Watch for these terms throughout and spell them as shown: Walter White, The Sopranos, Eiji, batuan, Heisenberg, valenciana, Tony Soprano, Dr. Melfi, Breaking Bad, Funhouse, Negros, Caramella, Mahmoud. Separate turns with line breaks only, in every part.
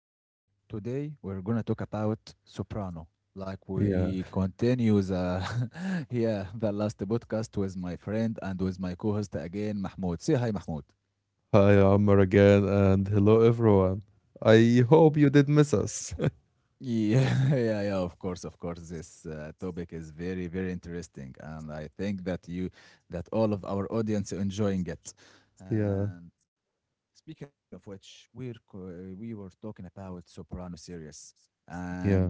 You know, today we're gonna talk about Soprano. Like we
Yeah.
continue the Yeah, the last podcast with my friend and with my co-host again, Mahmoud. Say hi, Mahmoud.
Hi, Amar again, and hello, everyone. I hope you did miss us.
Yeah, yeah, yeah. Of course, of course. This topic is very, very interesting, and I think that you that all of our audience enjoying it. And
Yeah.
speaking of which, we were talking about Soprano series, and
Yeah.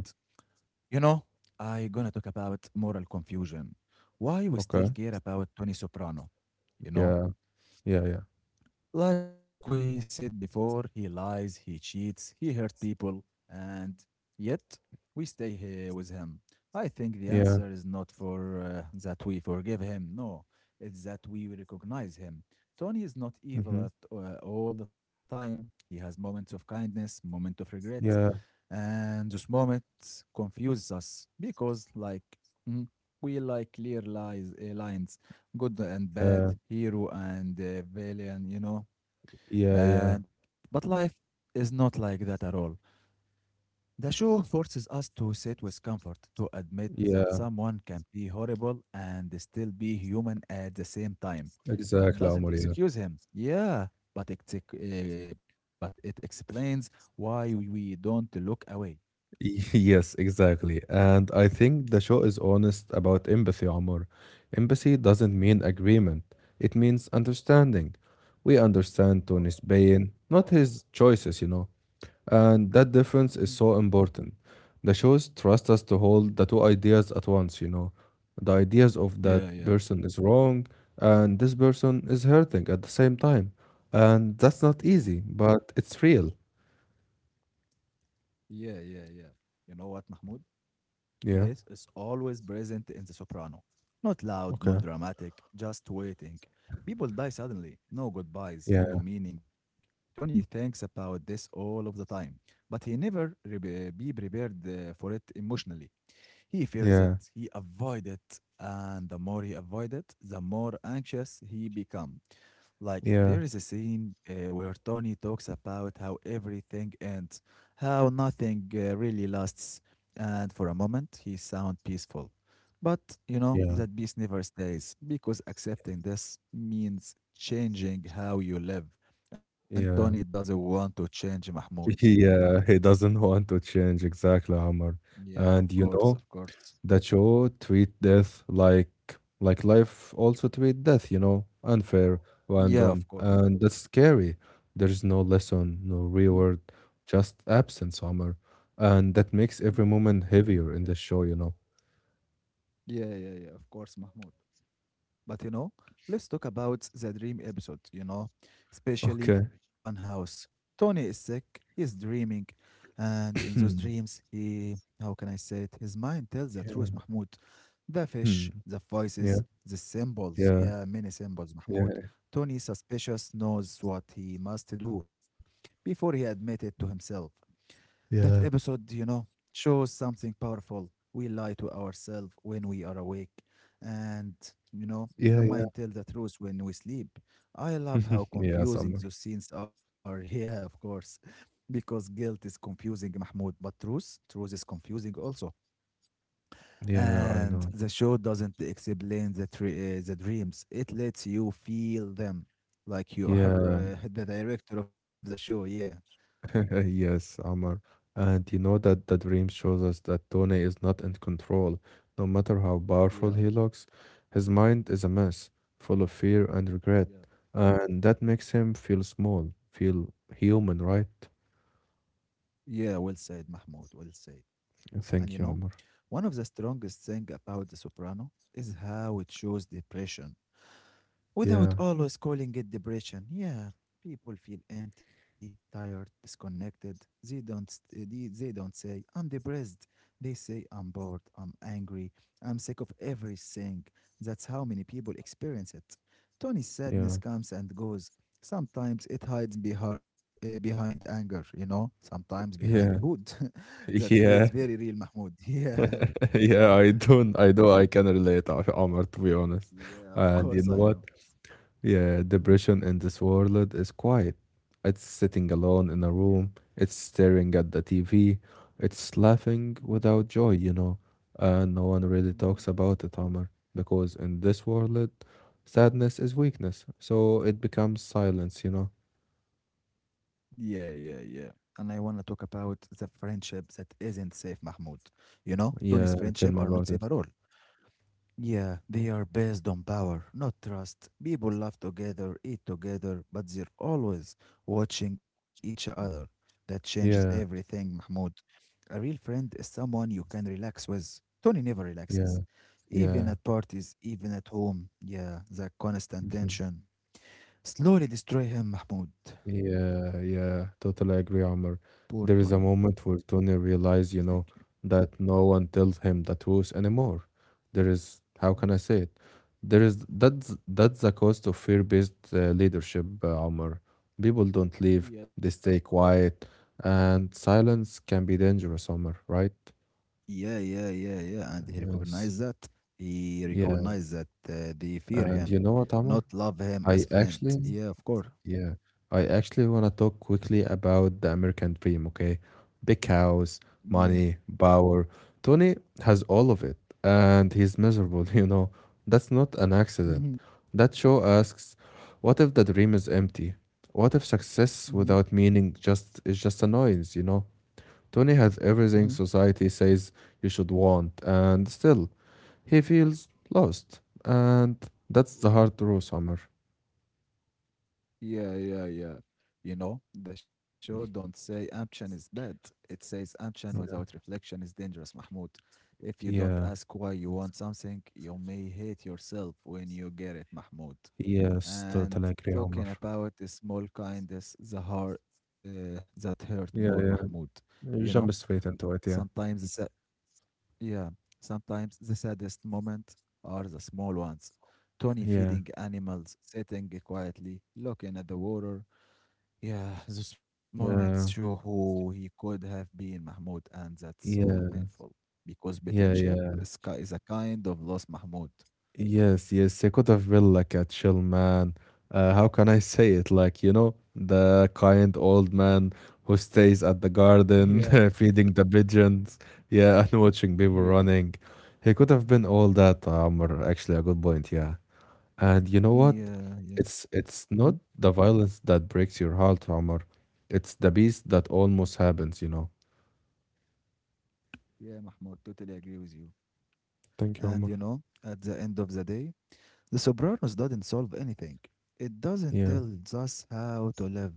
You know, I gonna talk about moral confusion. Why we
Okay.
still care about Tony Soprano. You
Yeah.
know,
Yeah. Yeah.
like we said before, he lies, he cheats, he hurt people, and yet we stay here with him. I think the
Yeah.
answer is not for that we forgive him. No, it's that we recognize him. Tony is not
Mm-hmm.
evil at all the time. He has moments of kindness, moment of regret,
Yeah.
and this moment confuses us because like mm, we like clear lies lines, good and
Yeah.
bad, hero and villain,
Yeah. Yeah.
and but life is not like that at all. The show forces us to sit with comfort, to admit that
Yeah.
someone can be horrible and still be human at the same time. That
Exactly,
doesn't
Amar. Yeah.
excuse him, yeah, but it explains why we don't look away.
Yes, exactly. And I think the show is honest about empathy, Amar. Empathy doesn't mean
Mhm.
agreement, it means understanding. We understand
Of course.
Tony's pain, not his choices. And that
Mhm.
difference is so important. The shows trust us to hold the two ideas at once. The ideas of that
Yeah, yeah,
person is wrong and this person is hurting at the same time. And that's not
yeah,
easy, but it's real.
yeah, yeah, yeah. You know what, Mahmoud?
Yeah.
This is always present in The Soprano. Not loud,
Okay.
not dramatic, just waiting. People die suddenly. No goodbyes, no
Yeah.
meaning. Tony thinks about this all of the time, but he never be prepared for it emotionally. He fears it,
Yeah.
he avoids it, and the more he avoids it, the more anxious he becomes. Like, there
Yeah.
is a scene where Tony talks about how everything ends, how nothing really lasts, and for a moment he sounds peaceful. But, you know,
Yeah.
that peace never stays because accepting this means changing how you live. And Tony
Yeah.
doesn't want to change, Mahmoud.
Yeah. He doesn't want to change exactly, Amr.
Yeah,
And
of
you
course,
know,
of course.
that show treat death like life also treat death, unfair,
Yeah,
random,
of course.
and that's scary. There's no lesson, no
Mhm.
reward, just absence summer, and that makes every moment heavier in the show.
Yeah, yeah, yeah, of course, Mahmoud. But let's talk about the dream episode, especially
Okay.
Funhouse. Tony is sick, he's dreaming, and in those dreams, he, how can I say it, his mind tells the truth,
Yeah.
Mahmoud. The
Hmm.
fish, the
Yeah.
voices, the symbols,
Yeah.
yeah, many symbols, Mahmoud.
Yeah.
Tony suspicious knows what he must do before he admit it to himself. That
Yeah.
episode, shows something powerful. We lie to ourselves when we are awake, and the
Yeah. Yeah.
mind tells the truth when we sleep. I love how
Yeah,
confusing
Summer.
those scenes are. Yeah, of course, because guilt is confusing, Mahmoud, but truth, truth is confusing also.
Yeah, I
And
know.
the show doesn't explain the dreams; it lets you feel them, like you are
Yeah.
the director of the show. Yeah,
Yes, Amar. And you know that the dream shows us that Tony is not in control. No matter how powerful
yeah,
he looks, his mind is a mess, full of fear and regret.
yeah.
And that makes him feel small, feel human, right?
Yeah, well said, Mahmoud. Well said. And
Thank you, Amar.
one of the strongest things about The Soprano is how it shows depression without
Yeah,
always calling it depression. Yeah, people feel empty, tired, disconnected. They don't say I'm depressed. They say I'm bored, I'm angry, I'm sick of everything. That's how many people experience it. Tony's sadness
yeah,
comes and goes. Sometimes it hides behind anger, sometimes behind
yeah,
food. That feels
yeah,
very real, Mahmoud. Yeah.
yeah. I don't, I do, I can relate, Amar, to be honest.
Yeah, of
And you
course
know
I
what?
know.
Yeah,
Hmm.
depression in this world is quiet. It's sitting alone in
Yeah.
a room, it's staring at the TV, it's laughing without joy, you know. No one really
Hmm.
talks about it, Omar, because in this world, sadness is weakness, so it becomes silence, you know.
Yeah, yeah, yeah. And I want to talk about the friendship that isn't safe, Mahmoud. Tony's
Yeah,
friendship
tell
are
me
not
about
safe at
it.
all. Yeah, they are based on power, not trust. People laugh together, eat together, but they're always watching each other. That changes
Yeah,
everything, Mahmoud. A real friend is someone you can relax with. Tony never
yeah,
relaxes. Even
yeah.
at parties, even at home. Yeah, the constant
Mm-hmm.
tension. Slowly destroy him, Mahmoud.
Yeah, yeah, totally agree, Omar.
Poor Tony.
There is a moment where Tony realized, you
Thank
know,
you.
that no one tells him the truth anymore. There is, how can
Mhm.
I say it? There is That's the cost of fear-based leadership, Omar. People don't leave;
Yeah, of
they stay
course.
quiet, and silence can be dangerous, Omar. Right?
Yeah, yeah, yeah, yeah. And he
Yes.
recognized that. He
Yeah.
recognized that they fear
And you
him,
know what, Omar?
not love him
I
as friend.
actually
Yeah, of course.
Yeah, I actually want to talk quickly about the American dream, okay? Big house,
Yeah.
money, power. Tony has all of it, and he's miserable, you know. That's not an accident.
Hmm.
That show asks, what if the dream is empty? What if success
Hmm.
without meaning just is just a noise, you know? Tony has
Hmm.
everything society says you should want, and still he feels lost. And that's the
Yeah.
hard truth, Summer.
Yeah, yeah, yeah. The show don't say ambition is bad. It says ambition without
Yeah.
reflection is dangerous, Mahmoud. If you don't
Yeah.
ask why you want something, you may hate yourself when you get it, Mahmoud.
Yes,
And
totally agree, Omar.
talking about a small kindness, the heart that hurt more,
Yeah,
Mahmoud.
yeah.
You know,
You jump straight into it. Yeah,
sometimes the a, yeah, sometimes the saddest moment are the small ones. Tony
yeah,
feeding animals, sitting quietly, looking at the water. Yeah, those moments show
yeah,
who he could have been, Mahmoud, and that's so
yeah,
painful because
yeah,
potential
yeah.
is a kind of loss, Mahmoud.
Yes, yes. It could have been like a chill man. How can I say it? Like, you know, the kind old man who stays at the
Yeah,
garden feeding the pigeons. Yeah, and watching people
yeah,
running. He could have been all that, Omar. Actually, a good point. Yeah. And you know what?
yeah, yeah.
It's
Mm-hmm.
not the violence that breaks your heart, Omar. It's the beast that almost happens, you know.
Yeah, Mahmoud, totally agree with you.
Thank you,
And
Omar.
at the end of the day, The Sopranos doesn't solve anything. It doesn't
Yeah,
tell us how to live.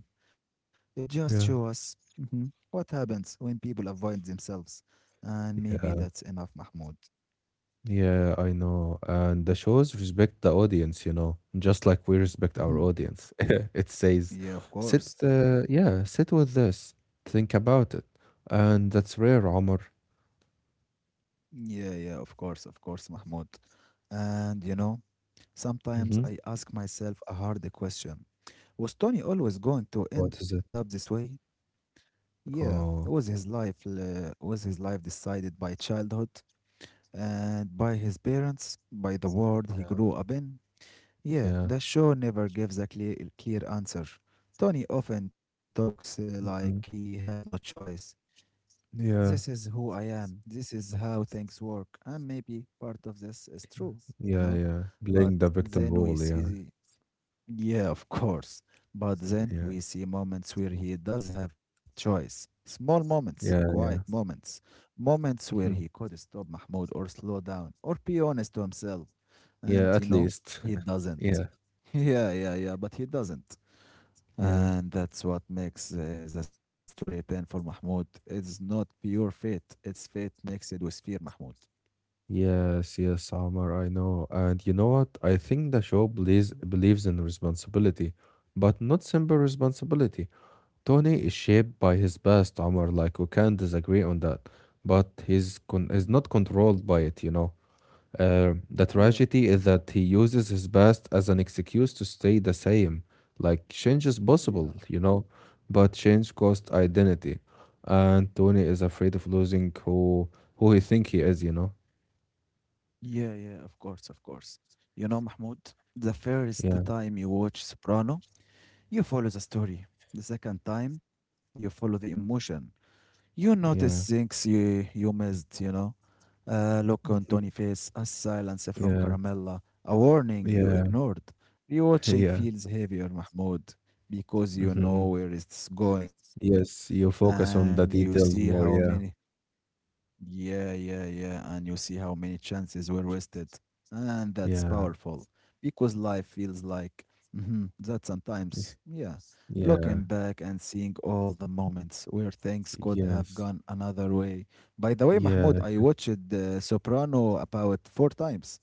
It just shows
yeah,
us what happens when people avoid themselves. And maybe
yeah,
that's enough, Mahmoud.
yeah, I know. And the shows respect the audience, you know, just like we respect our
Mhm.
audience. It says,
Yeah, of course.
yeah, sit with this, think about it. And that's rare, Omar.
Yeah, yeah, of course, Mahmoud. And sometimes
Mm-hmm.
I ask myself a hard question. Was Tony always going to end
What
up
is it?
this way? Yeah, was
Oh,
his life uh, was his life decided by childhood and by his parents, by the world he
yeah,
grew up in? Yeah,
yeah,
the show never gives a clear answer. Tony often talks like he
hmm
has no choice. This is
yeah,
who I am. This is how things work. And maybe part of this is true, you
yeah,
know?
yeah.
But
Playing the victim
then we
role, yeah,
see yeah, of course. But then
yeah.
we see moments where he does have choice. Small moments,
Yeah,
quiet moments, moments where he
Mhm.
could stop Mahmoud or slow down or be honest to himself.
yeah,
And
at least.
he doesn't.
Yeah,
Yeah, yeah, yeah, but he doesn't.
yeah.
And that's what makes the story painful, Mahmoud. It's not pure fate, it's fate mixed with fear, Mahmoud.
Yes, yes, Omar, I know. And you know what? I think the show
Mhm,
believes in responsibility, but not simple responsibility. Tony is shaped by his past, Omar, like we can't disagree on that. But he's con
mhm.
is not controlled by it, you know. The
Yeah,
tragedy is that he uses his past as an excuse to stay the same. Like, change is possible,
yeah.
you know, but change costs identity. And Tony is afraid of losing who he think he is, you know?
Yeah, yeah, of course, of course. You know, Mahmoud, the first
Yeah,
time you watch Soprano, you follow the story. The second time, you follow the emotion. You notice
yeah.
things you missed. A look on
Mhm.
Tony face, a silence from
Yeah,
Caramella, a warning you
yeah,
ignored. Rewatching
yeah.
feels heavier, Mahmoud, because you know
hmm
where it's going,
Yes, you
and
focus
you
on the
see how
details more.
many
Yeah,
yeah, yeah, yeah. And you see how many chances were wasted. And that's
yeah,
powerful because life feels like mhm, that sometimes. Yeah. Looking
yeah.
back and seeing all the moments where things could have
Yes,
gone another way. By the way, Mahmoud,
yeah.
I watched Soprano about four times.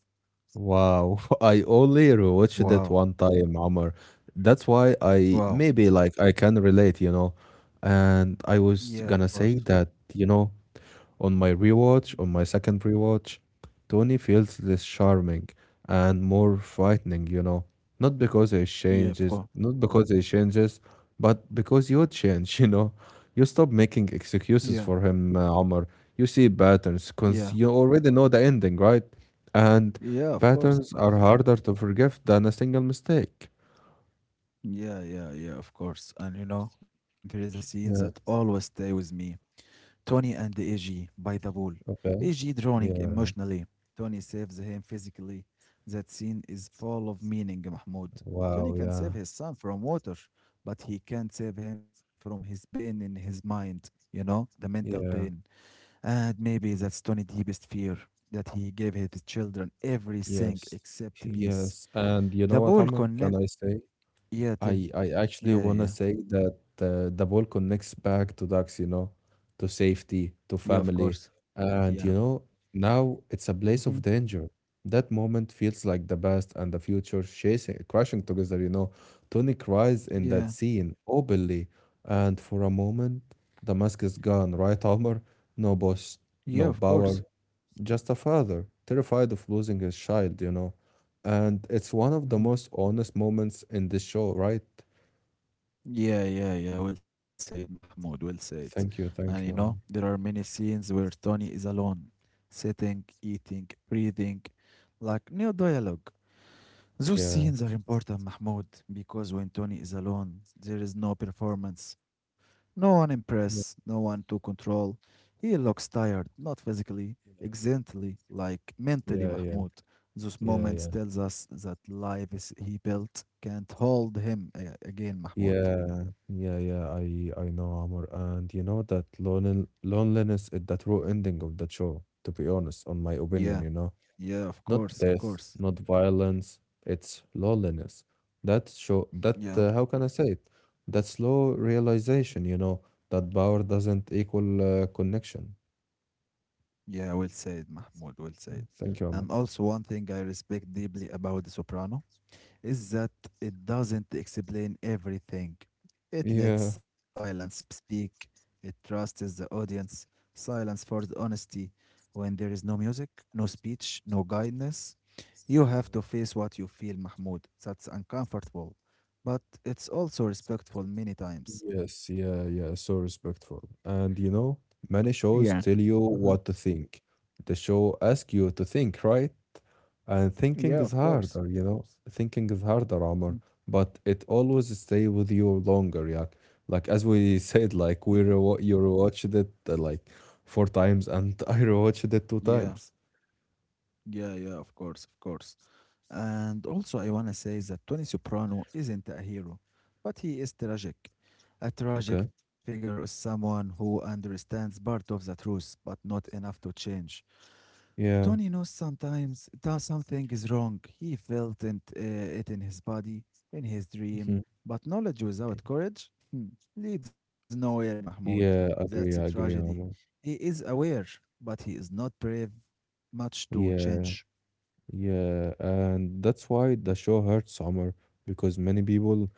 Wow, I only rewatched it
Wow.
one time, Amr. That's why I
Wow.
maybe like I can relate, you know. And I
Yeah, of
was gonna
course.
say that, you know,
Mm.
on my second rewatch, Tony feels less charming and more frightening, you know.
Yeah, of course.
Not because he changes, but because you change, you know. You stop making
Yeah.
excuses for him, Omar. You see patterns,
Yeah.
because you already know the ending, right? And
Yeah, of course. Of
patterns are
course.
harder to forgive than a single mistake.
Yeah, yeah, yeah, of course. And there is a scene
Yeah,
that always stay with me. Tony and Eiji by the pool.
okay.
Eiji drowning
Yeah.
emotionally. Tony saves him physically. That scene is full of meaning, Mahmoud. Tony
Wow,
can save
yeah.
his son from water, but he can't save him from his pain in his mind, the mental pain.
Yeah.
And maybe that's Tony's deepest fear that he gave his children everything
Yes.
except peace.
Yes. And you know
The
what,
pool
Amr? Can I
connects.
say?
Yeah,
I actually
yeah,
wanna
yeah.
say that the ball connects back to ducks, you know, to safety, to
Yeah, of course.
family,
Yeah.
and you know, now it's a place of
Mhm.
danger. That moment feels like the past and the future crashing together, you know. Tony cries in that
Yeah.
scene openly, and for a moment, the mask is gone, right, Omar? No boss,
Yeah,
no
of course.
power, just a father, terrified of losing his child, you know. And it's one of the
Mhm.
most honest moments in this show, right?
Yeah, yeah, yeah. Well said, Mahmoud. Well said.
Thank
And
you, thank you.
there are many scenes where Tony is alone, sitting, eating, breathing, like no dialogue. Those
Yeah,
scenes are important, Mahmoud, because when Tony is alone, there is no performance, no one
yeah,
impress, no one to control. He looks tired, not physically, exactly, like
yeah,
mentally,
yeah,
Mahmoud. Those
yeah,
moments
yeah,
tells us that life is he built can't hold him again, Mahmoud.
yeah, yeah, yeah. I know Amor, and you know that loneliness is the true ending of the show. To be honest, on my opinion,
Yeah.
you know,
Yeah, of
not
course, of
death,
course.
not violence. It's loneliness. That show that
Yeah,
how can I say it? That slow realization, you know, that power doesn't equal connection.
yeah, well said, Mahmoud, well said.
Thank you,
And
Amor.
also, one thing I respect deeply about The Soprano is that it doesn't explain everything. It lets
Yeah.
silence speak, it trusts the audience. Silence forces honesty. When there is no music, no speech, no guidance, you have to face what you feel, Mahmoud. That's uncomfortable, but it's also respectful many times.
Yes, yeah, yeah, so respectful. And you know, many
Yeah.
shows tell
Uh
you
huh.
what to think. The show asks you to think, right? And thinking
Yeah,
is
of course.
harder, you know. Thinking is harder, Omar,
Mm.
but it always stay with you longer, yeah. Like as we said,
Yeah.
like we rewa you rewatched it like four times, and I rewatched it two
Yeah,
times.
yeah, yeah, of course, of course. And also, I want to say that Tony Soprano isn't a hero, but he is tragic. A tragic
Okay.
figure is someone who understands part of the truth, but not enough to change.
Yeah.
Tony knows sometimes that something is wrong. He felt it in his body, in his dream,
Mhm.
but knowledge without courage, leads nowhere, Mahmoud.
Yeah,
That's a
I
tragedy.
agree, Omar.
He is aware, but he is not brave much to
Yeah.
change.
Yeah, and that's why the show hurts Omar, because many people,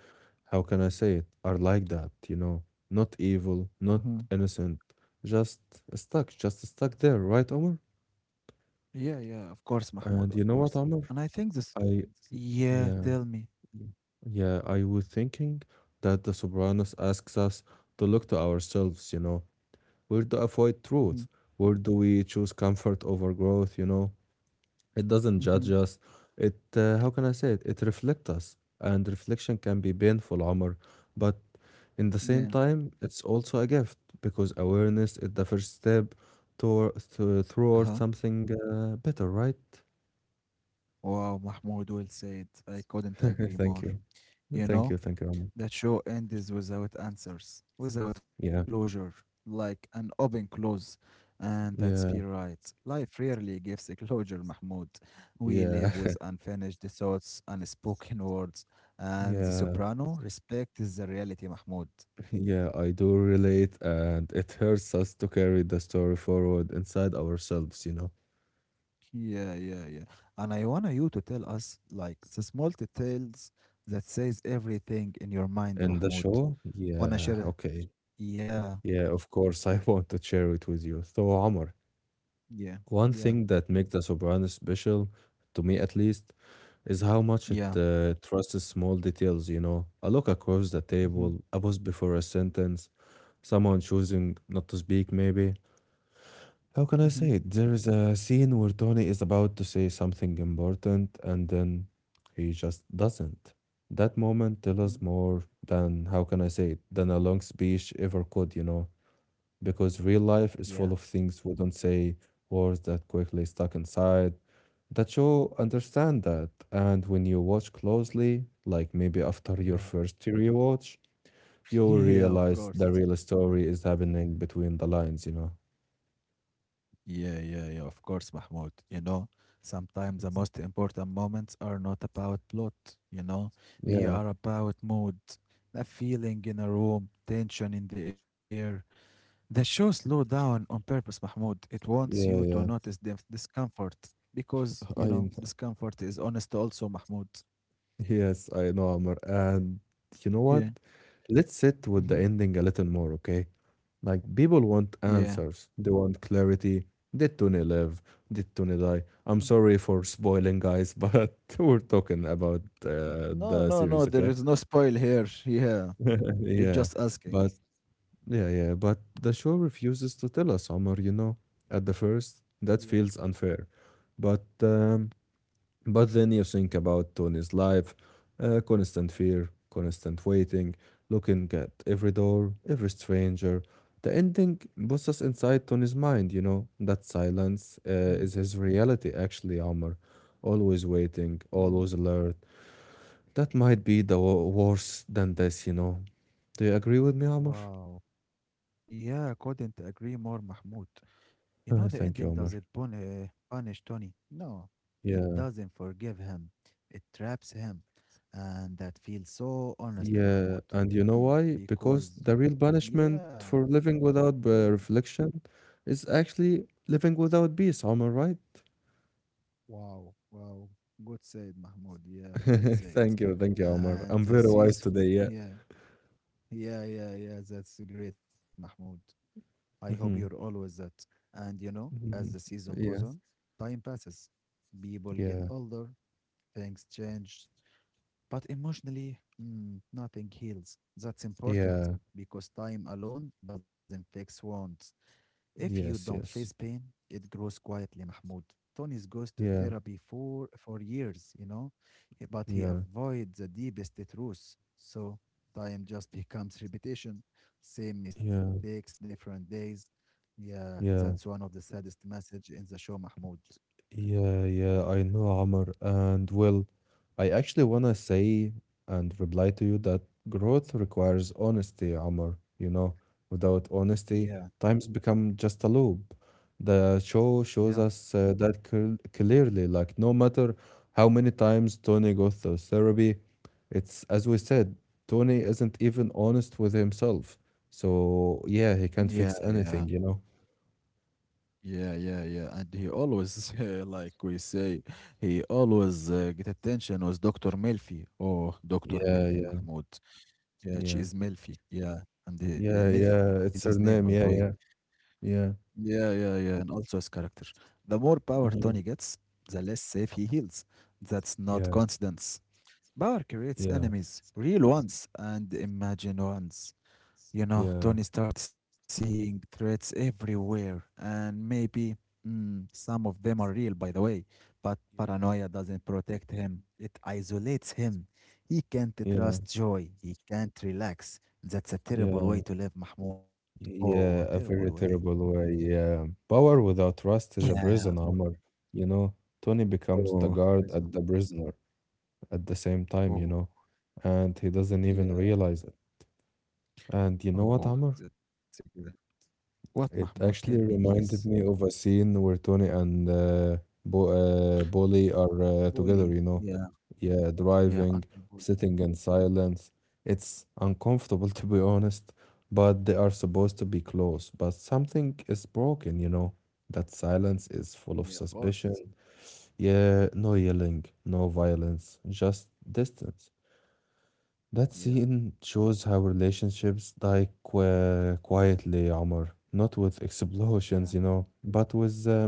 how can I say it, are like that, you know, not evil,
Mhm.
not innocent, just just stuck there, right, Omar?
Yeah, yeah, of course, Mahmoud,
And you
of
know what,
course.
Omar?
And I think this,
I,
yeah,
yeah,
tell me.
yeah, I was thinking that The Sopranos asks us to look to ourselves, you know, where to avoid
Hmm.
truth, where do we choose comfort over growth, you know? It doesn't
Hmm.
judge us. It, how can I say it? It reflects us, and reflection can be painful, Omar. But in the same
Yeah.
time, it's also a gift because awareness is the first step toward
Uh-huh.
something better, right?
Wow, Mahmoud, well said. I couldn't agree
Thank
more.
you.
You
Thank
know,
you. Thank you, Omar.
that show ends without answers, without
Yeah.
closure, like an open close. And that's fair,
Yeah.
right. Life rarely gives a closure, Mahmoud. We
Yeah.
live with unfinished thoughts, unspoken words, and the
Yeah.
soprano respects the reality, Mahmoud.
Yeah. I do relate, and it hurts us to carry the story forward inside ourselves, you know.
Yeah, yeah, yeah. And I want you to tell us like the small details that says everything in your mind,
In the
Mahmoud.
show,
Wanna
yeah,
share?
okay.
Yeah,
Yeah, of course, I want to share it with you. So, Omar,
yeah,
one
yeah,
thing that makes the Soprano special, to me at least, is how much it
yeah.
trusts small details, you know. A look across the
Mm-hmm,
table, a pause before a sentence, someone choosing not to speak, maybe. How can I
mm-hmm,
say it? There is a scene where Tony is about to say something important and then he just doesn't. That moment tells
mm-hmm.
us more than, how can I say it, than a long speech ever could, you know because real life
Yeah,
is full of things we don't say, words that quickly stuck inside, that you understand that. And when you watch closely, like maybe after your
yeah.
first rewatch, you will
Yeah, of
realize
course.
the real story is happening between the lines, you know?
Yeah, yeah, yeah, of course, Mahmoud. You know, sometimes the most important moments are not about plot, you know, they
Yeah,
are about mood, a feeling in a room, tension in the air. The show slow down on purpose, Mahmoud. It wants
yeah,
you
yeah.
to notice the discomfort
I
because,
know.
you know, discomfort is honest also, Mahmoud.
Yes, I know, Amr. And you know what?
Yeah.
Let's sit with the
Mm-hmm.
ending a little more, okay? Like people want
Yeah.
answers. They want clarity. Did Tony live? Did Tony die? I'm sorry for spoiling, guys, but we're talking about
No,
the
no,
series,
no,
okay?
there is no spoil here. Yeah. You're
yeah,
just asking.
but yeah, but the show refuses to tell us, Omar. You know, at the first, that
Yeah.
feels unfair, but um, but then you think about Tony's life, constant fear, constant waiting, looking at every door, every stranger. The ending puts us inside Tony's mind, you know. That silence
Mm-hmm.
is his reality, actually, Amr. Always waiting,
Yeah.
always alert. That might be the worse than this, you know. Do you agree with me, Amr?
Wow. Yeah, couldn't agree more, Mahmoud. You know the ending
Thank you,
doesn't
Amr.
punish Tony. No, it
Yeah.
doesn't forgive him. It traps him. And that feels so honest,
Yeah,
Mahmoud.
and you know
Mm.
why? Because
Because,
the real punishment
yeah,
for living without
tell me.
reflection is actually living without peace, Omar, right?
Wow, wow. Good said, Mahmoud. Yeah, well said.
Thank you, Omar.
And
I'm
the
very wise
season,
today, yeah.
yeah, yeah, yeah, yeah. That's great, Mahmoud. I hope you're
hmm
always that. And you know, as the
hmm
season goes
Yeah,
on, time passes. People get
yeah,
older, things change. But emotionally, nothing heals. That's important
yeah,
because time alone doesn't fix wounds. If you don't
yes,
face
yes,
pain, it grows quietly, Mahmoud. Tony's goes to
yeah,
therapy for years, you know, but he
yeah,
avoids the deepest truths. So time just becomes repetition, same
yeah,
mistakes, different days. Yeah, that's
yeah.
one of the saddest message in the show, Mahmoud.
Yeah, yeah, I know, Amr. And well, I actually want to say and reply to you that growth requires honesty, Amr. You know, without
Yeah,
honesty, times become just a loop. The show
yeah.
shows us that clearly. Like, no matter how many times Tony goes through therapy, it's as we said, Tony isn't even honest with himself. So, yeah, he
Yeah,
can't fix
yeah.
anything, you know?
Yeah, yeah, yeah. And he always, like we say, he always get attention was Dr. Melfi, or Dr.
Yeah,
Melfi,
yeah,
Mahmoud. Yeah, she
yeah.
is Melfi. Yeah. And
Yeah,
Melfi is
yeah,
his
it's
name,
her
by the way.
name. Yeah, yeah, yeah.
Yeah, yeah, yeah. And also his character. The more power Tony
Mhm.
gets, the less safe he feels. That's not
Yeah,
coincidence. Power creates
yeah,
enemies, real ones and imagined ones. You know,
yeah.
Tony starts seeing threats everywhere, and maybe some of them are real, by the way. But paranoia doesn't protect him, it isolates him. He can't
Yeah,
trust joy, he can't relax. That's a terrible
yeah,
way to live, Mahmoud. Oh,
yeah,
terrible
a
way.
very
Yeah.
terrible way. Yeah. Power without trust is a
Yeah.
prison,
Oh,
Omar. You know, Tony becomes the
oh,
guard at
prison.
the prisoner at the same time, you
Oh,
know, and he doesn't even
yeah.
realize it. And you
Oh,
know what,
oh,
Omar?
that's a good. What, Mahmoud?
It
Tell me,
actually
please.
reminded me of a scene where Tony and Bo Bolly are together,
Bully.
you know.
Yeah.
Yeah,
Yeah,
driving,
Uncle Bully.
sitting in silence. It's uncomfortable, to be honest, but they are supposed to be close. But something is broken, you know. That silence is
Yeah, of
full of
course.
suspicion. Yeah, no yelling, no violence, just distance. That
Yeah.
scene shows how relationships die qu quietly, Omar. Not with explosions,
Yeah.
you know, but with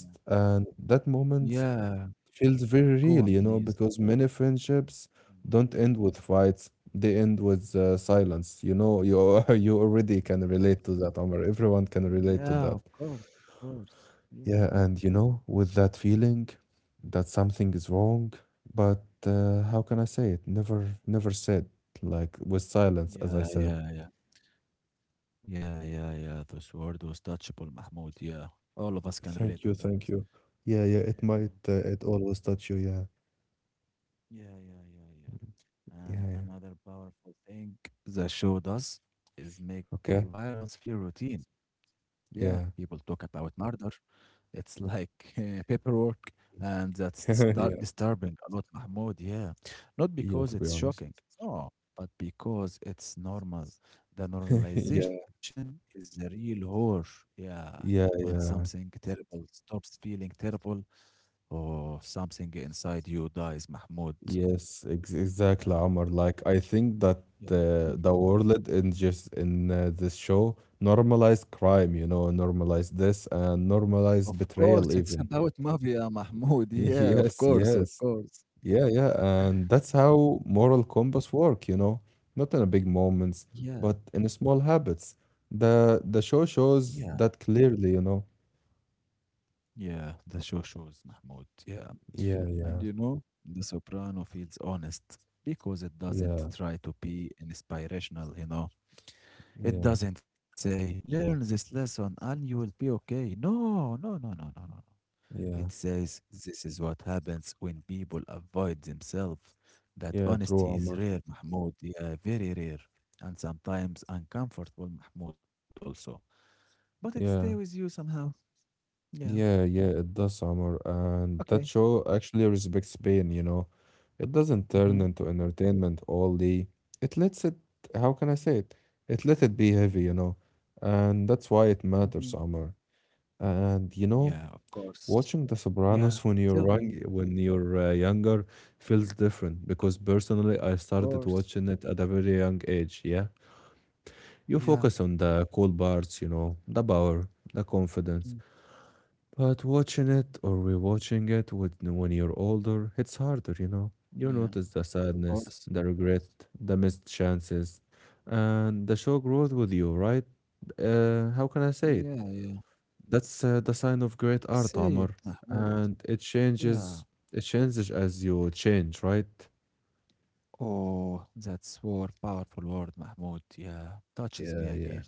Yeah.
And that moment
Yeah,
feels very
go
real,
on,
you know,
please.
because many friendships
Mm.
don't end with fights. They end with silence. You know, you you
Of
already
course.
can relate to that, Omar. Everyone can
Yeah,
relate
of
to that.
course, of course. Yeah,
Yeah, and you know, with that feeling that something is wrong, but how can I say it? Never, never said. Like with silence, as I
yeah,
said.
yeah, yeah, yeah, yeah, yeah. This word was touchable, Mahmoud. Yeah, all of us can relate on
Thank you,
that.
thank you. Yeah, yeah. It
Yeah,
might, it always touch you. Yeah,
yeah, yeah, yeah, yeah.
yeah,
And
yeah.
another powerful thing the show does is make
Okay.
violence feel routine. Yeah,
Yeah,
people talk about murder. It's like paperwork, and that's
yeah,
disturbing a lot, Mahmoud. Yeah, not
yeah.
because
To be
it's
honest,
shocking, no, but because it's normal. The
yeah.
normalization is the real horror. Yeah, when
Yeah,
something
yeah.
terrible stops feeling terrible, or something inside you dies, Mahmoud.
Yes, ex exactly,
Yeah,
Omar. Like I think that
yeah.
the world in just in this show normalized crime, you know, normalized this and
Of
normalized
course,
betrayal
it's
even.
about mafia, Mahmoud. Yeah, of
Yes,
course, of
yes.
course.
Yeah, yeah. And that's how
Mhm.
moral compass work, you know. Not in a big moments,
Yeah,
but in small habits. The show
yeah.
shows that clearly, you know.
Yeah, the show shows Mahmoud. Yeah.
Yeah,
And
yeah.
you know, The Soprano feels honest because it doesn't
Yeah.
try to be inspirational, you know. It
Yeah.
doesn't say, learn this lesson and you will be okay. No, no, no, no, no, no, no. It
Yeah.
says, this is what happens when people avoid themselves. That
Yeah, true,
honesty is
Omar.
rare, Mahmoud. Yeah, very rare. And sometimes uncomfortable, Mahmoud, also. But it stays with
Yeah.
you somehow. Yeah.
Yeah, yeah, it does, Summer, and that
Okay.
show actually respects pain, you know. It doesn't turn
Mm-hmm.
into entertainment all day. It lets it, how can I say it? It let it be heavy, you know, and that's why it
Mm-hmm.
matters, Summer. And you
Yeah,
know,
of course.
watching The
Yeah,
Sopranos when
tell
you're young,
me.
when you're younger, feels different because personally, I
Of
started
course.
watching it at a very young age. Yeah, you
Yeah.
focus on the cool parts, you know, the power, the
Mm.
confidence but watching it or rewatching it with, when you're older, it's harder, you know. You
Yeah,
notice the
of
sadness,
course.
the regret, the missed chances, and the show grows with you, right? How can I
Yeah,
say it?
yeah.
That's the sign of great art,
Say it,
Omar,
Mahmoud.
and it
Yeah.
changes. It changes as you change, right?
Oh, that's word, powerful word, Mahmoud. Yeah, touches me
Yeah, yeah,
again.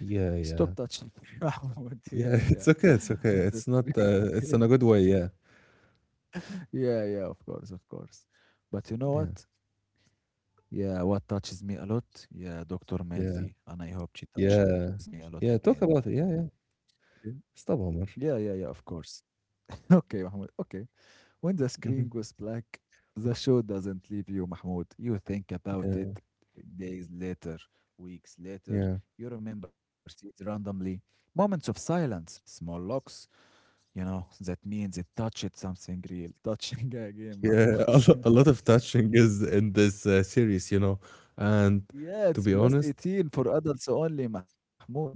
yeah,
Stop
yeah,
touching me, Mahmoud. Yeah, yeah.
yeah. It's okay. It's
With
okay.
the
It's not.
screen.
It's in a good way. Yeah,
Yeah, yeah, of course, of course. But you know
yeah,
what? Yeah, what touches me a lot? Yeah, Dr.
yeah,
Melfi. And I hope she touches me
yeah,
a lot
yeah.
again.
Talk about it. Yeah, yeah.
Yeah,
Stop, Omar.
yeah, yeah, yeah, of course. Okay, Mahmoud. Okay. When the screen goes black, the show doesn't leave you, Mahmoud. You think about it
Yeah,
days later, weeks later.
yeah,
You remember scenes randomly, moments of silence, small locks. You know, that means it touched something real. Touching a game,
yeah.
Mahmoud.
A lot of touching is in this series, you know. And
Yeah,
to
it's
be
plus
honest,
18 for adults only, Mahmoud. Yeah.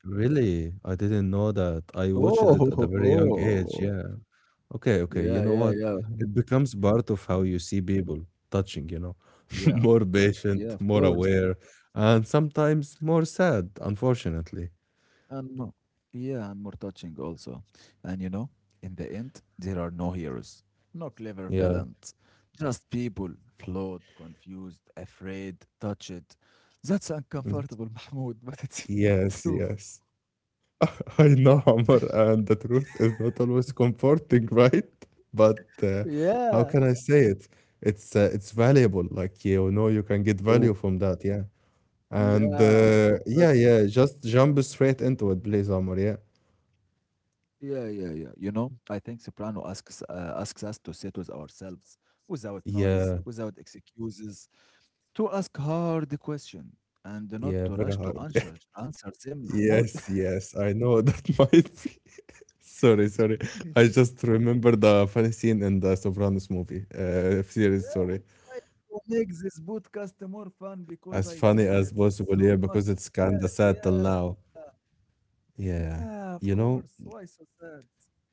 really, I didn't know that. I watched it
Oh,
at a very young age. Yeah. Okay, okay. You
yeah,
know
yeah,
what?
yeah.
It becomes part of how
Mm.
you see people touching, you know,
Yeah,
more
yeah,
patient,
of
more
course.
aware, and sometimes more sad, unfortunately.
And yeah, and more touching also. And you know, in the end, there are no heroes, no clever
Yeah.
villains, just people flawed, confused, afraid, touched. That's
Mhm.
uncomfortable, Mahmoud, but it's true.
Yes, yes. I know, Amr, and the truth is not always comforting, right? But how
Yeah.
can I say it? It's valuable. Like you know, you can get
Oh,
value from that. Yeah, and
yeah, from
yeah,
touching.
yeah. Just jump straight into it, please, Amr. Yeah,
Yeah, yeah, yeah. You know, I think Soprano asks asks us to sit with ourselves, without noise,
yeah,
without excuses, to ask hard question and not
yeah.
to
Very
rush to
hard.
answer them, Mahmoud.
Yes, yes. I know that might be. Sorry, sorry. I
Yeah,
just remember the funny scene in the Sopranos movie, series.
we
Sorry,
try to make this podcast more fun because
as
I
funny
see
as
that is
possible.
so
Yeah,
much
because it's kind of
sad.
sad till
Yeah,
now.
yeah,
Yeah,
of
you
course.
know,
Why so sad?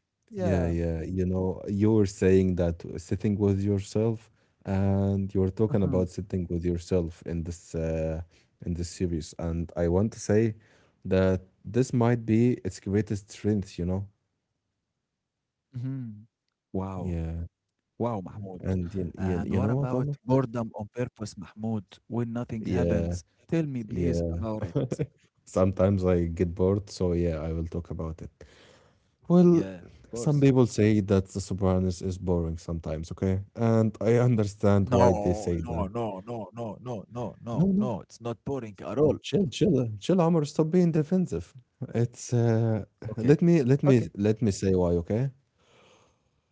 Yeah.
yeah, yeah, you know, you were saying that sitting with yourself, and you were talking
hmm
about sitting with yourself in this series, and I want to say that this might be its greatest strength, you know.
hmm Wow.
Yeah,
Wow, Mahmoud.
and
And
you
what
know what,
about
Amr?
boredom on purpose, Mahmoud, when nothing
Yeah,
happens? Tell me, please,
yeah.
about it.
Sometimes I get bored, so yeah, I will talk about it. Well,
Yeah, of
some
course.
people say that the Sopranos is boring sometimes, okay? And I understand why they
No,
say
no,
that.
no, no, no, no, no,
No,
no,
no.
no. It's not boring at all.
Chill, chill, chill, Omar. Stop being defensive. It's
Okay, okay,
let me say why, okay?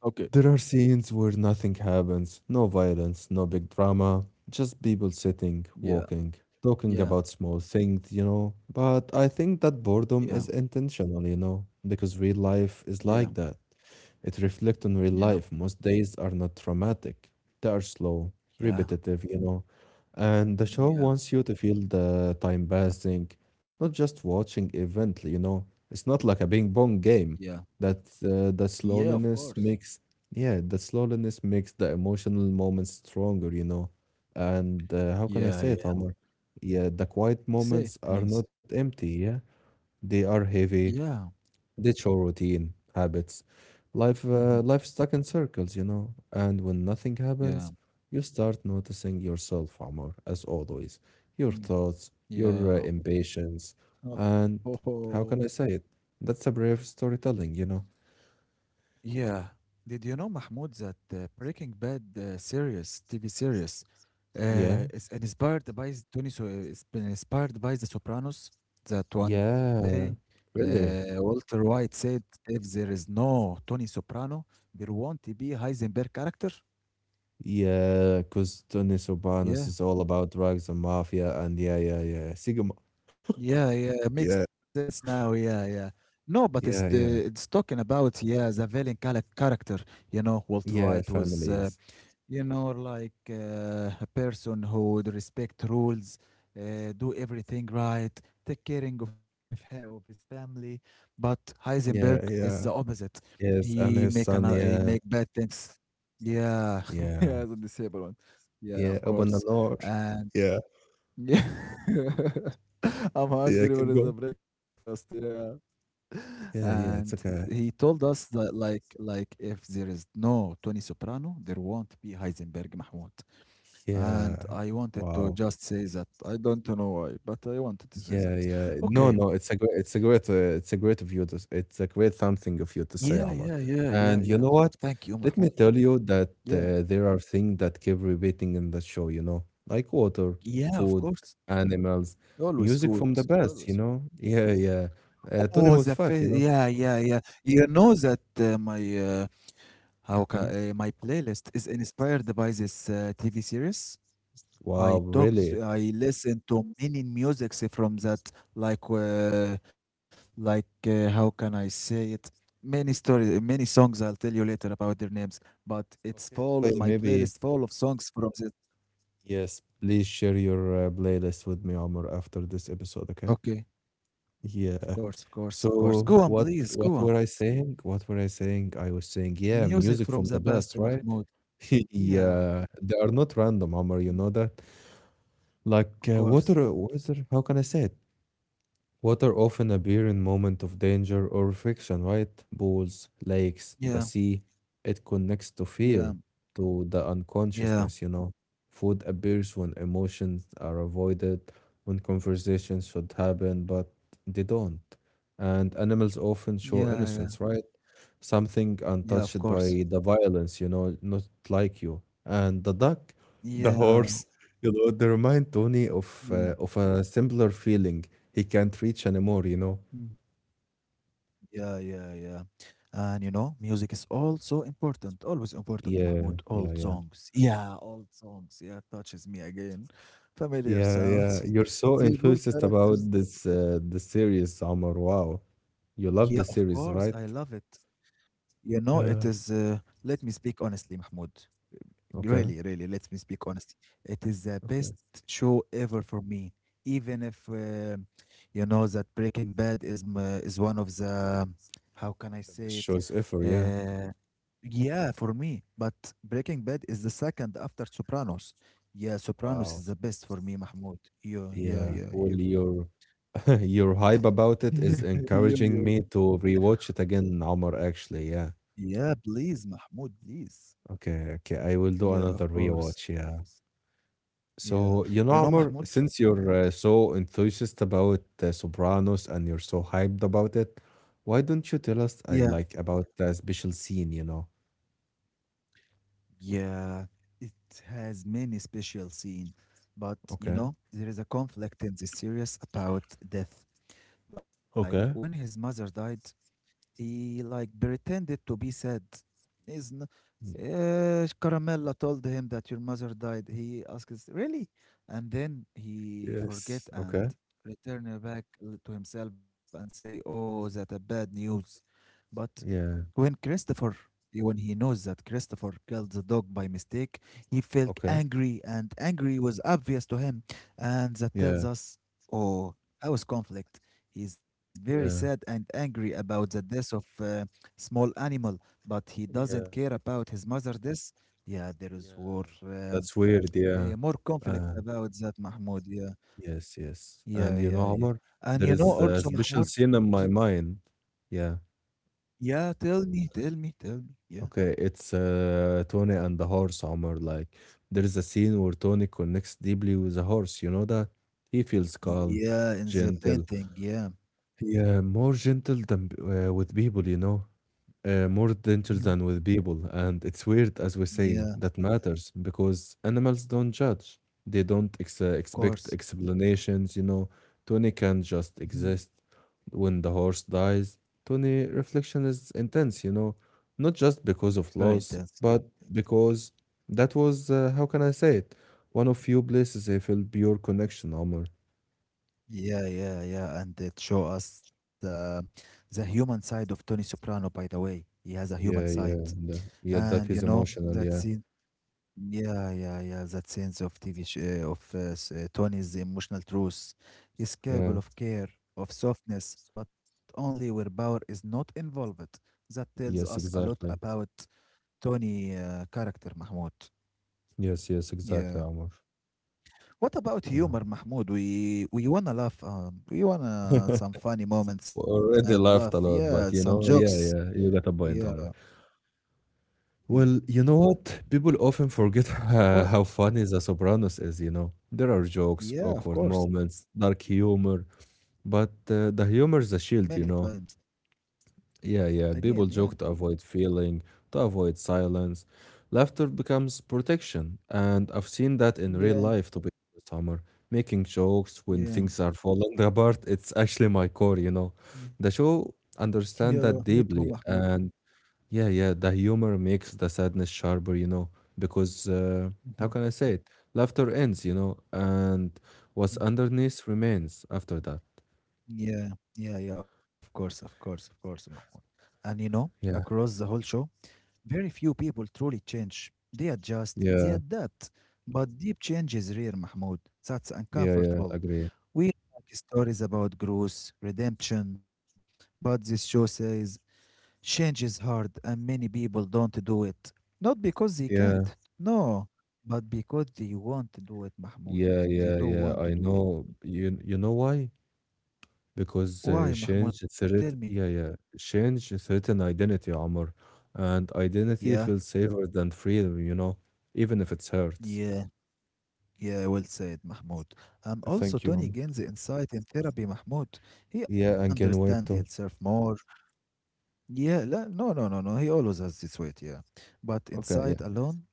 okay.
There are scenes where nothing happens, no violence, no big drama, just people sitting,
Yeah,
walking, talking
yeah,
about small things, you know. But I think that
yeah,
boredom is intentional, you know, because real life is
yeah,
like that. It reflects on real
yeah,
life. Most days are not traumatic. They are slow,
yeah,
repetitive, you know. And the show
yeah,
wants you to feel the time passing, not just watching event, you know. It's not like a bing bong game.
yeah,
That the
yeah, of
slowness
course.
makes yeah, the slowness makes the emotional moments stronger, you know. And how can I
Yeah,
say it,
yeah.
Omar? Yeah, the quiet
Say it,
moments are
please.
not empty, yeah. They are heavy,
Yeah,
ditch our routine habits life
hmm
life stuck in circles, you know, and when nothing
yeah,
happens you start noticing yourself, Amor, as always, your
mm,
thoughts, your
yeah.
impatience, and
Oh,
how can I say it, that's a brave storytelling, you know.
yeah. Did you know, Mahmoud, that the Breaking Bad series, TV series,
Yeah,
is inspired by Tony, so it's been inspired by The Sopranos. That one day,
yeah, really.
Walter White said, "If there is no Tony Soprano, there won't be Heisenberg character."
Yeah, because Tony Sobanos
Yeah,
is all about drugs and mafia, and yeah, yeah, yeah, sigma.
yeah, yeah. It makes
Yeah,
sense now. Yeah, yeah. No, but it's
yeah,
the,
yeah,
it's talking about yeah the villain character. You know, Walter
yeah,
White was.
families,
You know, like a person who would respect rules, do everything right, take caring of his, of his family. But Heisenberg
yeah,
is the
yeah.
opposite.
Yes,
He
and
make
his
another,
son,
he make
yeah,
bad things. Yeah,
yeah,
yeah, the disabled one. Yeah,
yeah,
of
open the
course.
door.
And
Yeah,
yeah, I'm
yeah,
hungry. What
keep
is the
going.
breakfast? Yeah,
Yeah,
and
yeah, it's
he
okay.
told us that like if there is no Tony Soprano, there won't be Heisenberg, Mahmoud. And
Yeah,
I wanted to
wow.
just say that I don't know why, but I wanted to say
Yeah,
that.
yeah. No,
Okay.
no, it's a great, it's a great, it's a great of you to, s- it's a great something of you to
Yeah,
say,
yeah,
Omar.
yeah, yeah,
And
yeah.
you know
Of course.
what?
Thank you,
Let me
Mahmoud.
tell you that
Yeah,
there are things that keep repeating in the show, you know, like water,
yeah. Of
food,
course.
animals,
Always
music
food.
from the past, you
Always food.
know? Yeah, yeah.
Oh, the
Tony was
face.
fat, you
Yeah,
know?
yeah, yeah. You know that my
Hmm?
my playlist is inspired by this TV series.
Wow,
I talk,
really?
I listen to many musics from that, like, how can I say it? Many story, many songs. I'll tell you later about their names, but it's
Okay,
full.
okay,
My
maybe
playlist full of songs from the.
yes. Please share your playlist with me, Omar, after this episode, okay?
Okay, of
Yeah.
course, of course, of course.
So
Go on,
what
please,
what
go
were
on.
I saying? What were I saying? I was saying, yeah, music from
Music
the
from the
past, right?
best, Mahmoud.
Yeah,
Yeah,
they are not random, Omar, you know that? Like
of course.
water, how can I say it? Water often appear in moment of danger or friction, right? Pools, lakes,
Yeah,
the sea. It connects to fear,
yeah,
to the
yeah,
unconsciousness, you know. Food appears when emotions are avoided, when conversations should happen, but they don't. And animals often
yeah,
show
yeah,
innocence, right? Something
yeah. Of
untouched
course.
by the violence, you know, not like you. And the duck, the
Yeah,
horse, you know, they remind Tony
yeah.
of a similar feeling he can't reach anymore, you
Mm.
know?
Yeah, yeah, yeah. And you know, music is also important, always important,
Yeah,
Mahmoud.
yeah,
Old
yeah.
songs. Yeah, old songs. Yeah, touches me again. Familiar
Yeah, yeah.
sounds.
You're so
The bold
enthusiastic about
characters.
this the series, Omar. Wow.
Yeah,
You
of
love the
course,
series,
I
right?
love it. You know, it
Yeah.
is, let me speak honestly, Mahmoud.
Okay.
Really, really, let me speak honestly. It is the
Okay.
best show ever for me. Even if, you know, that Breaking Bad is, is one of the, how can I
The best
say it?
choice ever, yeah.
Uh, Yeah, for me, but Breaking Bad is the second after Sopranos. Yeah, Sopranos
Wow.
is the best for me, Mahmoud. Yeah, yeah,
Yeah.
yeah,
Well,
yeah.
your your hype about
Yeah,
it is
yeah, yeah.
encouraging me to rewatch it again, Omar, actually. Yeah.
Yeah, please, Mahmoud, please.
Okay, okay. I will do
Yeah,
another
of course.
rewatch, yeah.
Yeah.
So, you know,
You know,
Amr,
Mahmoud?
since you're so enthusiastic about Sopranos and you're so hyped about it, why don't you tell us
Yeah.
like about the special scene, you know?
Yeah. It has many special scene, but you
Okay.
know, there is a conflict in this series about death. Like when
Okay.
his mother died, he like pretended to be sad. He's
Mm.
Caramella told him that your mother died. He asks, really? And then he forget
Yes.
and
Okay.
return back to himself and say, oh, that a bad news. But
Yeah.
when Christopher, when he knows that Christopher killed the dog by mistake, he felt
Okay.
angry, and angry was obvious to him. And that tells
Yeah.
us, oh, house conflict. He's very sad
Yeah.
and angry about the death of small animal, but he doesn't
Yeah.
care about his mother death. Yeah, there is war,
Yeah. That's weird. Yeah.
more conflict
Uh,
about that, Mahmoud. Yeah,
yes, yes. And
yeah,
you
yeah,
know,
yeah.
Amr,
And
there
you know
is a
also,
special
Mahmoud.
scene in my mind. Yeah.
Yeah, tell me, tell me, tell me. Yeah.
Okay, it's Tony and the horse, Omar. Like, there's a scene where Tony connects deeply with the horse. You know that? He feels calm,
Yeah, in the
gentle.
painting, yeah.
Yeah, more gentle than with people, you know? More gentle
Mhm.
than with people. And it's weird, as we say,
Yeah,
that matters because animals don't judge. They don't
of
expect
course.
explanations, you know. Tony can just
Mhm.
exist. When the horse dies, Tony reflection is intense, you know, not just
Yeah,
because of
very
loss,
intense.
but because that was, how can I say it, one of few places I felt pure connection, Omar.
Yeah, yeah, yeah. And it show us the human side of Tony Soprano, by the way. He has a human
Yeah,
side.
yeah, yeah,
And
that
you
is
know,
emotional.
that
Yeah,
scene, yeah, yeah, yeah, that sense of TV sh uh, of uh, s- uh, Tony's emotional truth. He's
yeah,
capable of care, of softness, but only where power is not involved. That tells us a
yes,
lot
exactly.
about Tony character, Mahmoud.
Yes, yes, exactly,
Yeah.
Amr.
What about
Yeah.
humor, Mahmoud? We wanna laugh. We wanna some funny moments
Already
and
laughed
laugh.
a lot,
Yeah,
but you
some
know, yeah,
jokes.
yeah, you got a point,
Yeah.
Amr. Well, you
Mm.
know what? People often forget how
What?
funny The Sopranos is, you know. There are jokes, awkward
Yeah, of
moments,
course.
dark humor, but the humor is a shield, you
Many
know.
times.
Yeah, yeah. People
Again.
joke
Yeah.
to avoid feeling, to avoid silence. Laughter becomes protection, and I've seen that in real life. To be
Yeah.
honest, Summer, making jokes when things are
Yeah.
falling apart, it's actually my core. You know,
Yeah.
the show understand
Yeah.
that
Me too,
deeply,
Mahmoud.
and yeah, yeah. The humor makes the sadness sharper. You know, because how can I
Mhm.
say it? Laughter ends. You know, and what's
Mm.
underneath remains after that.
Yeah. Yeah. Yeah. Of course. Of course. Of course, Mahmoud.
Yeah,
Across the whole show. Very few people truly change. They adjust, they
yeah,
adapt. But deep change is rare, Mahmoud. That's
yeah, yeah.
uncomfortable.
Agree.
We like stories about growth, redemption, but this show says change is hard and many people don't do it. Not because they
Yeah.
can't, no, but because they want to do it, Mahmoud.
Yeah,
They
yeah,
don't
yeah.
want to
I
do it.
know. You know why? Because
Why, Mahmoud?
change
Tell me.
threat. Yeah, yeah. Change threaten identity, Amr, and identity
Yeah,
feels safer than freedom. Even if it hurts.
yeah. Yeah, well said, Mahmoud. And also
Thank you,
Tony
Amr.
gains insight in therapy, Mahmoud. He
Yeah, and
understands
can wait
himself
too.
more. Yeah, no, no, no, no. He always has this weight, yeah. But
Okay, yeah.
insight alone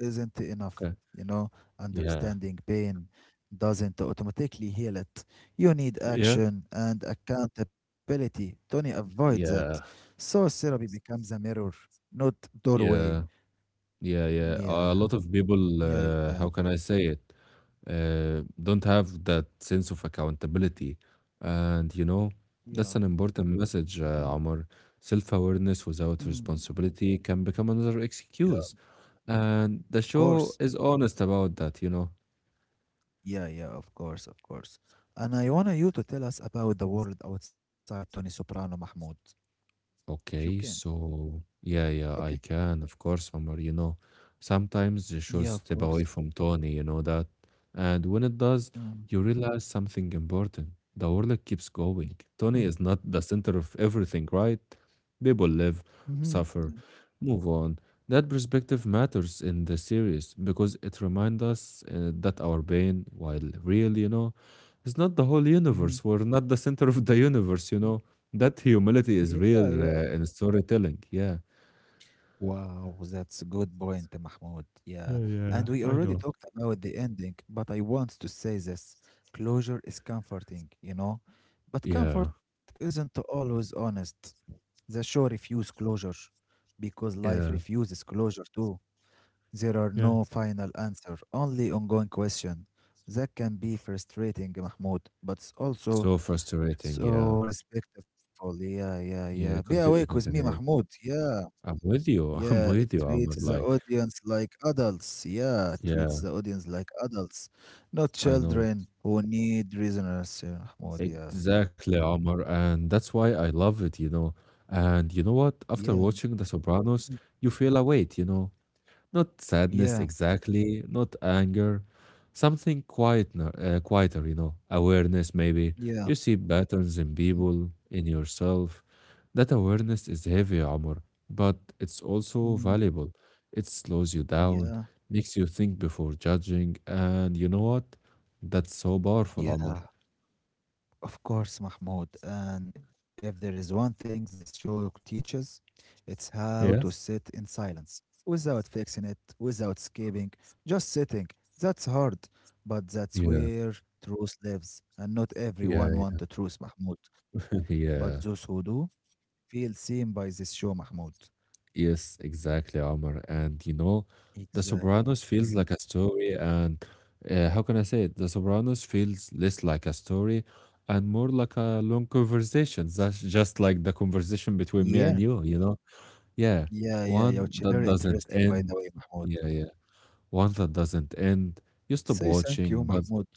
isn't enough,
Okay.
you know.
Yeah.
Understanding pain doesn't automatically heal it. You need
Yeah.
action and accountability. Tony avoids that.
Yeah.
So therapy becomes a mirror, not doorway.
Yeah. Yeah. Yeah. A
Yeah,
lot of people,
yeah, yeah,
How can I say it, don't have that sense of accountability. And
yeah.
that's an important message,
Mhm.
Omar. Self awareness without
Mm.
responsibility can become another
Yeah,
excuse. And the
of
show
course.
is honest about that.
Yeah, yeah, of course, of course. And I want you to tell us about the world outside Tony Soprano, Mahmoud, if you can.
Okay, so yeah, yeah, I
Okay.
can, of course, Omar. Sometimes the shows
Yeah, of
step away
course.
from Tony, you know that. And when it does,
Mm.
you realize something important. The world keeps going.
Mhm.
Tony is not the center of everything, right? People live,
Mhm. Mm.
suffer, move on. That perspective matters in the series because it reminds us that our pain, while real, is not the whole
Mhm.
universe. We're not the center of the
Mhm.
universe. That humility is
Yeah, yeah.
real in storytelling. Yeah.
Wow, that's a good point, eh, Mahmoud. Yeah.
Yeah, yeah,
And we
I
already
know.
talked about the ending, but I want to say this. Closure is comforting, you know? But
Yeah.
comfort isn't always honest. The show refuses closure because life
Yeah.
refuses closure too. There are
Yeah.
no final answer, only ongoing question. That can be frustrating, Mahmoud, but it's also
So frustrating.
so
Yeah.
respectful. Yeah, yeah, yeah. Be
Yeah.
awake with
Continue.
me,
Continue.
Mahmoud. Yeah,
I'm with you. I'm
yeah. It
with you, Amr.
treats the
Like,
audience like adults. Yeah, it treats
yeah,
the audience like adults, not
I know.
children who need reasoners. Yeah, Mahmoud. Yeah, yeah,
Exactly, Amr. And that's why I love it. And you know what?
yeah,
After watching The
mhm,
Sopranos, you feel a weight. Not sadness
yeah,
exactly, not anger, something quieter, awareness maybe.
yeah.
You see patterns in
Mhm,
people, in yourself. That awareness is heavy, Omar, but it's also
mm,
valuable. It slows you down,
yeah,
makes you think before judging, and you know what? That's so powerful,
yeah.
Omar.
Of course, Mahmoud. And if there is one thing this show teaches, it's how to sit
Yes.
in silence without fixing it, without escaping, just sitting. That's hard, but that's
Yeah,
where truth lives. And not everyone
yeah,
wants the truth, Mahmoud. But those
yeah.
who do feel seen by this show, Mahmoud.
Yes, exactly, Omar. And The
Exactly.
Sopranos feels
Mhm.
like a story, and how can I say it? The Sopranos feels less like a story and more like a long conversation. That's just like the conversation
Yeah.
between me and you know? Yeah,
Yeah, yeah, yeah.
one
Which is
that
very
doesn't
interesting, by
end.
the way, Mahmoud.
Yeah, yeah, one that doesn't end. You stop
Say thank you,
watching, but
Mahmoud.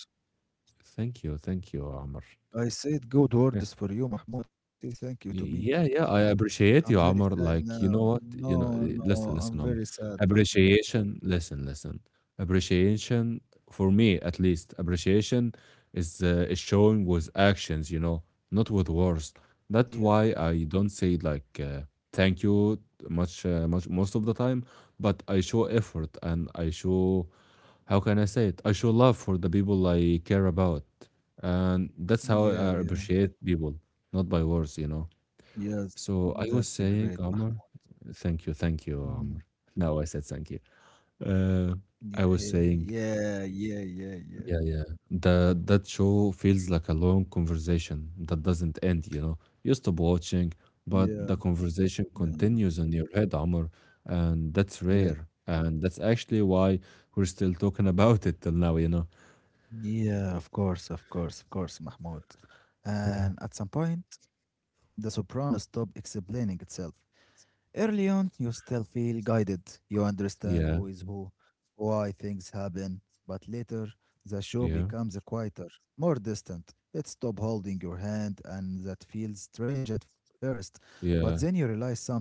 thank you, Omar.
I said good words for you, Mahmoud. Say thank you to me.
Yeah, yeah, I
I'm
appreciate you,
very
Amr.
sad
Like, you
now.
know what?
No, no,
Listen, listen,
I'm
Amr.
very sad, Mahmoud.
Appreciation, listen, listen. Appreciation, for me at least, appreciation is showing with actions, not with words.
Yeah,
That's why I don't say like thank you much, most of the time, but I show effort and I show, how can I say it? I show love for the people I care about, and that's how
yeah,
I
yeah.
appreciate people, not by words.
Yes,
So
that's
I
a
was
great
saying,
Mahmoud.
Omar, thank you,
Mhm.
Omar. Now I said thank you. Uh, I
Yeah,
was saying,
yeah, yeah, yeah, yeah.
yeah, yeah. The that show feels like a long conversation that doesn't end. You know, you stop watching,
Yeah,
but the conversation
yeah,
continues in your head, Omar, and that's
yeah.
rare. And that's actually why we're still talking about it till now.
Yeah, of course, of course, of course, Mahmoud. And at some point, the soprano stopped explaining itself. Early on, you still feel guided. You understand who
Yeah,
is who, why things happen. But later, the show
yeah,
becomes quieter, more distant. It stops holding your hand, and that feels strange at first. But then you
yeah,
realize something.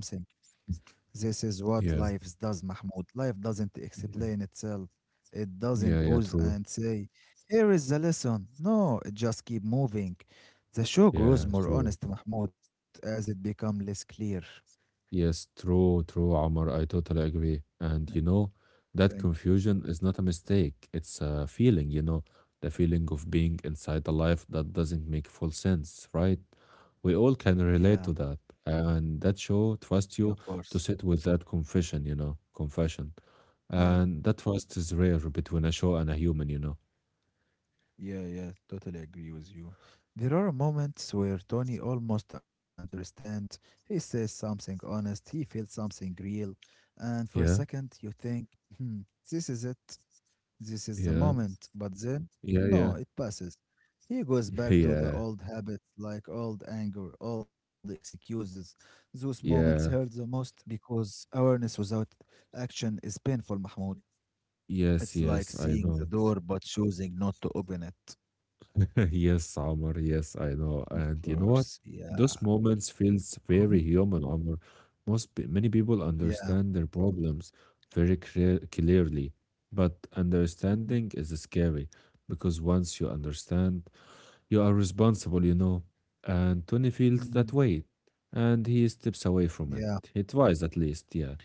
This is what
yeah,
life does, Mahmoud. Life doesn't
yeah,
explain itself. It
yeah,
doesn't
yeah.
booze
True.
and say, here is the lesson. No, it just keep moving. The show grows
Yeah,
more
true.
honest, Mahmoud, as it becomes less clear.
Yes, true, true, Omar. I totally agree. And
Thank
that
thank you.
confusion is not a mistake. It's a feeling, the feeling of being inside a life that doesn't make full sense, right? We all can
Yeah,
relate to that. And that show
yeah, of
trusts you
course.
to sit with that confession, confession.
Yeah,
And that trust is rare between a show and a human.
yeah, yeah, totally agree with you. There are moments where Tony almost understands. He says something honest, he feels something real. And for a
Yeah,
second, you think, hmm, this is it, this is the
yeah,
moment. But then,
yeah, yeah,
no, it passes. He goes back to the
yeah,
old habits, like old anger, old excuses. Those moments hurt the
yeah.
most because awareness without action is painful, Mahmoud.
Yes,
It's like
yes, I
seeing the
know.
door but choosing not to open it.
Yes, Amr. Yes, I know.
Of
And you know what?
course, yeah.
Those moments feels
Mhm.
very human, Amr. Many people
Yeah.
understand their problems very clearly, but
Mm,
understanding is scary because once you understand, you are responsible. And Tony feels that
mm.
weight, and he steps away
Yeah,
from it. He tries at least, yeah.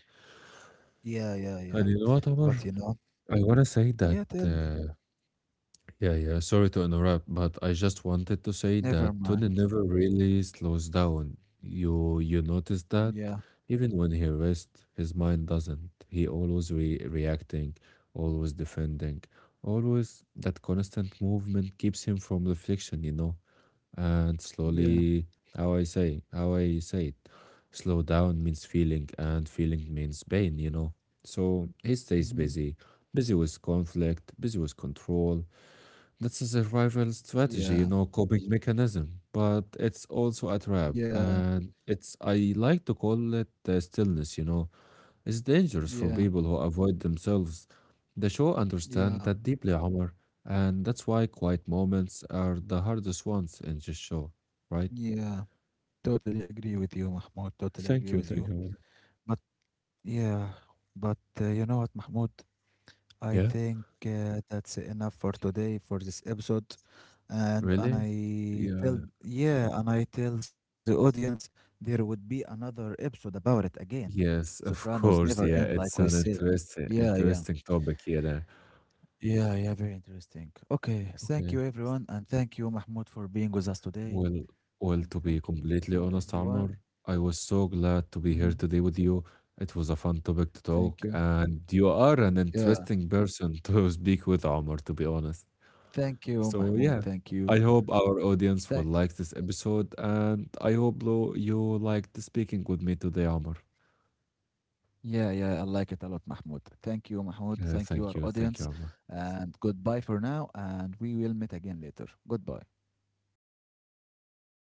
yeah, yeah, yeah.
And you know what, Omar?
But you know,
I wanna say that
yeah, tell me.
yeah, yeah. Sorry to interrupt, but I just wanted to say that
Never
Tony
mind.
never really slows down. You notice
Yeah,
that even when he rests, his mind doesn't. He always re reacting, always defending, always that constant movement keeps him from reflection. And
yeah,
slowly, how I say it, slow down means feeling, and feeling means pain. So he stays
hmm,
busy, busy with conflict, busy with control that's a survival strategy,
yeah,
coping mechanism, but it's also a trap.
yeah,
And it's, I like to call it stillness. It's dangerous for
yeah,
people who avoid themselves. The show understand
yeah,
that deeply, Omar, and that's why quiet moments are the hardest ones in this show, right?
yeah. Totally agree with you, Mahmoud. Totally agree with
Thank you,
you.
thank you. Omar.
But yeah, but you know what, Mahmoud? I
Yeah.
think uh, that's enough for today for this episode. And
Really?
I tell
Yeah.
yeah, and I tell the audience there would be another episode about it again.
Yes, of
Sopranos never
course.
end,
Yeah,
like we
it's an
say.
interesting,
Yeah, yeah.
interesting topic here.
Yeah, yeah, very interesting. Okay, thank you
Okay.
everyone, and thank you, Mahmoud, for being with us today.
Well, well,
And
to be
thank you
completely honest,
everyone.
Amr, I was so glad to
Hmm.
be here today with you. It was a fun topic to
Thank
talk,
you.
and you are an
Yeah,
interesting person to speak with, Amr, to be honest.
thank you,
So,
Mahmoud.
yeah,
Thank you.
I hope our audience will
Thank
like this episode, and I hope you liked speaking with me today, Amr.
Yeah, yeah, I like it a lot, Mahmoud. Thank you, Mahmoud. Thank you,
Thank
our
you, thank you,
audience.
Amr.
And goodbye for now. And we will meet again later. Goodbye.
Goodbye.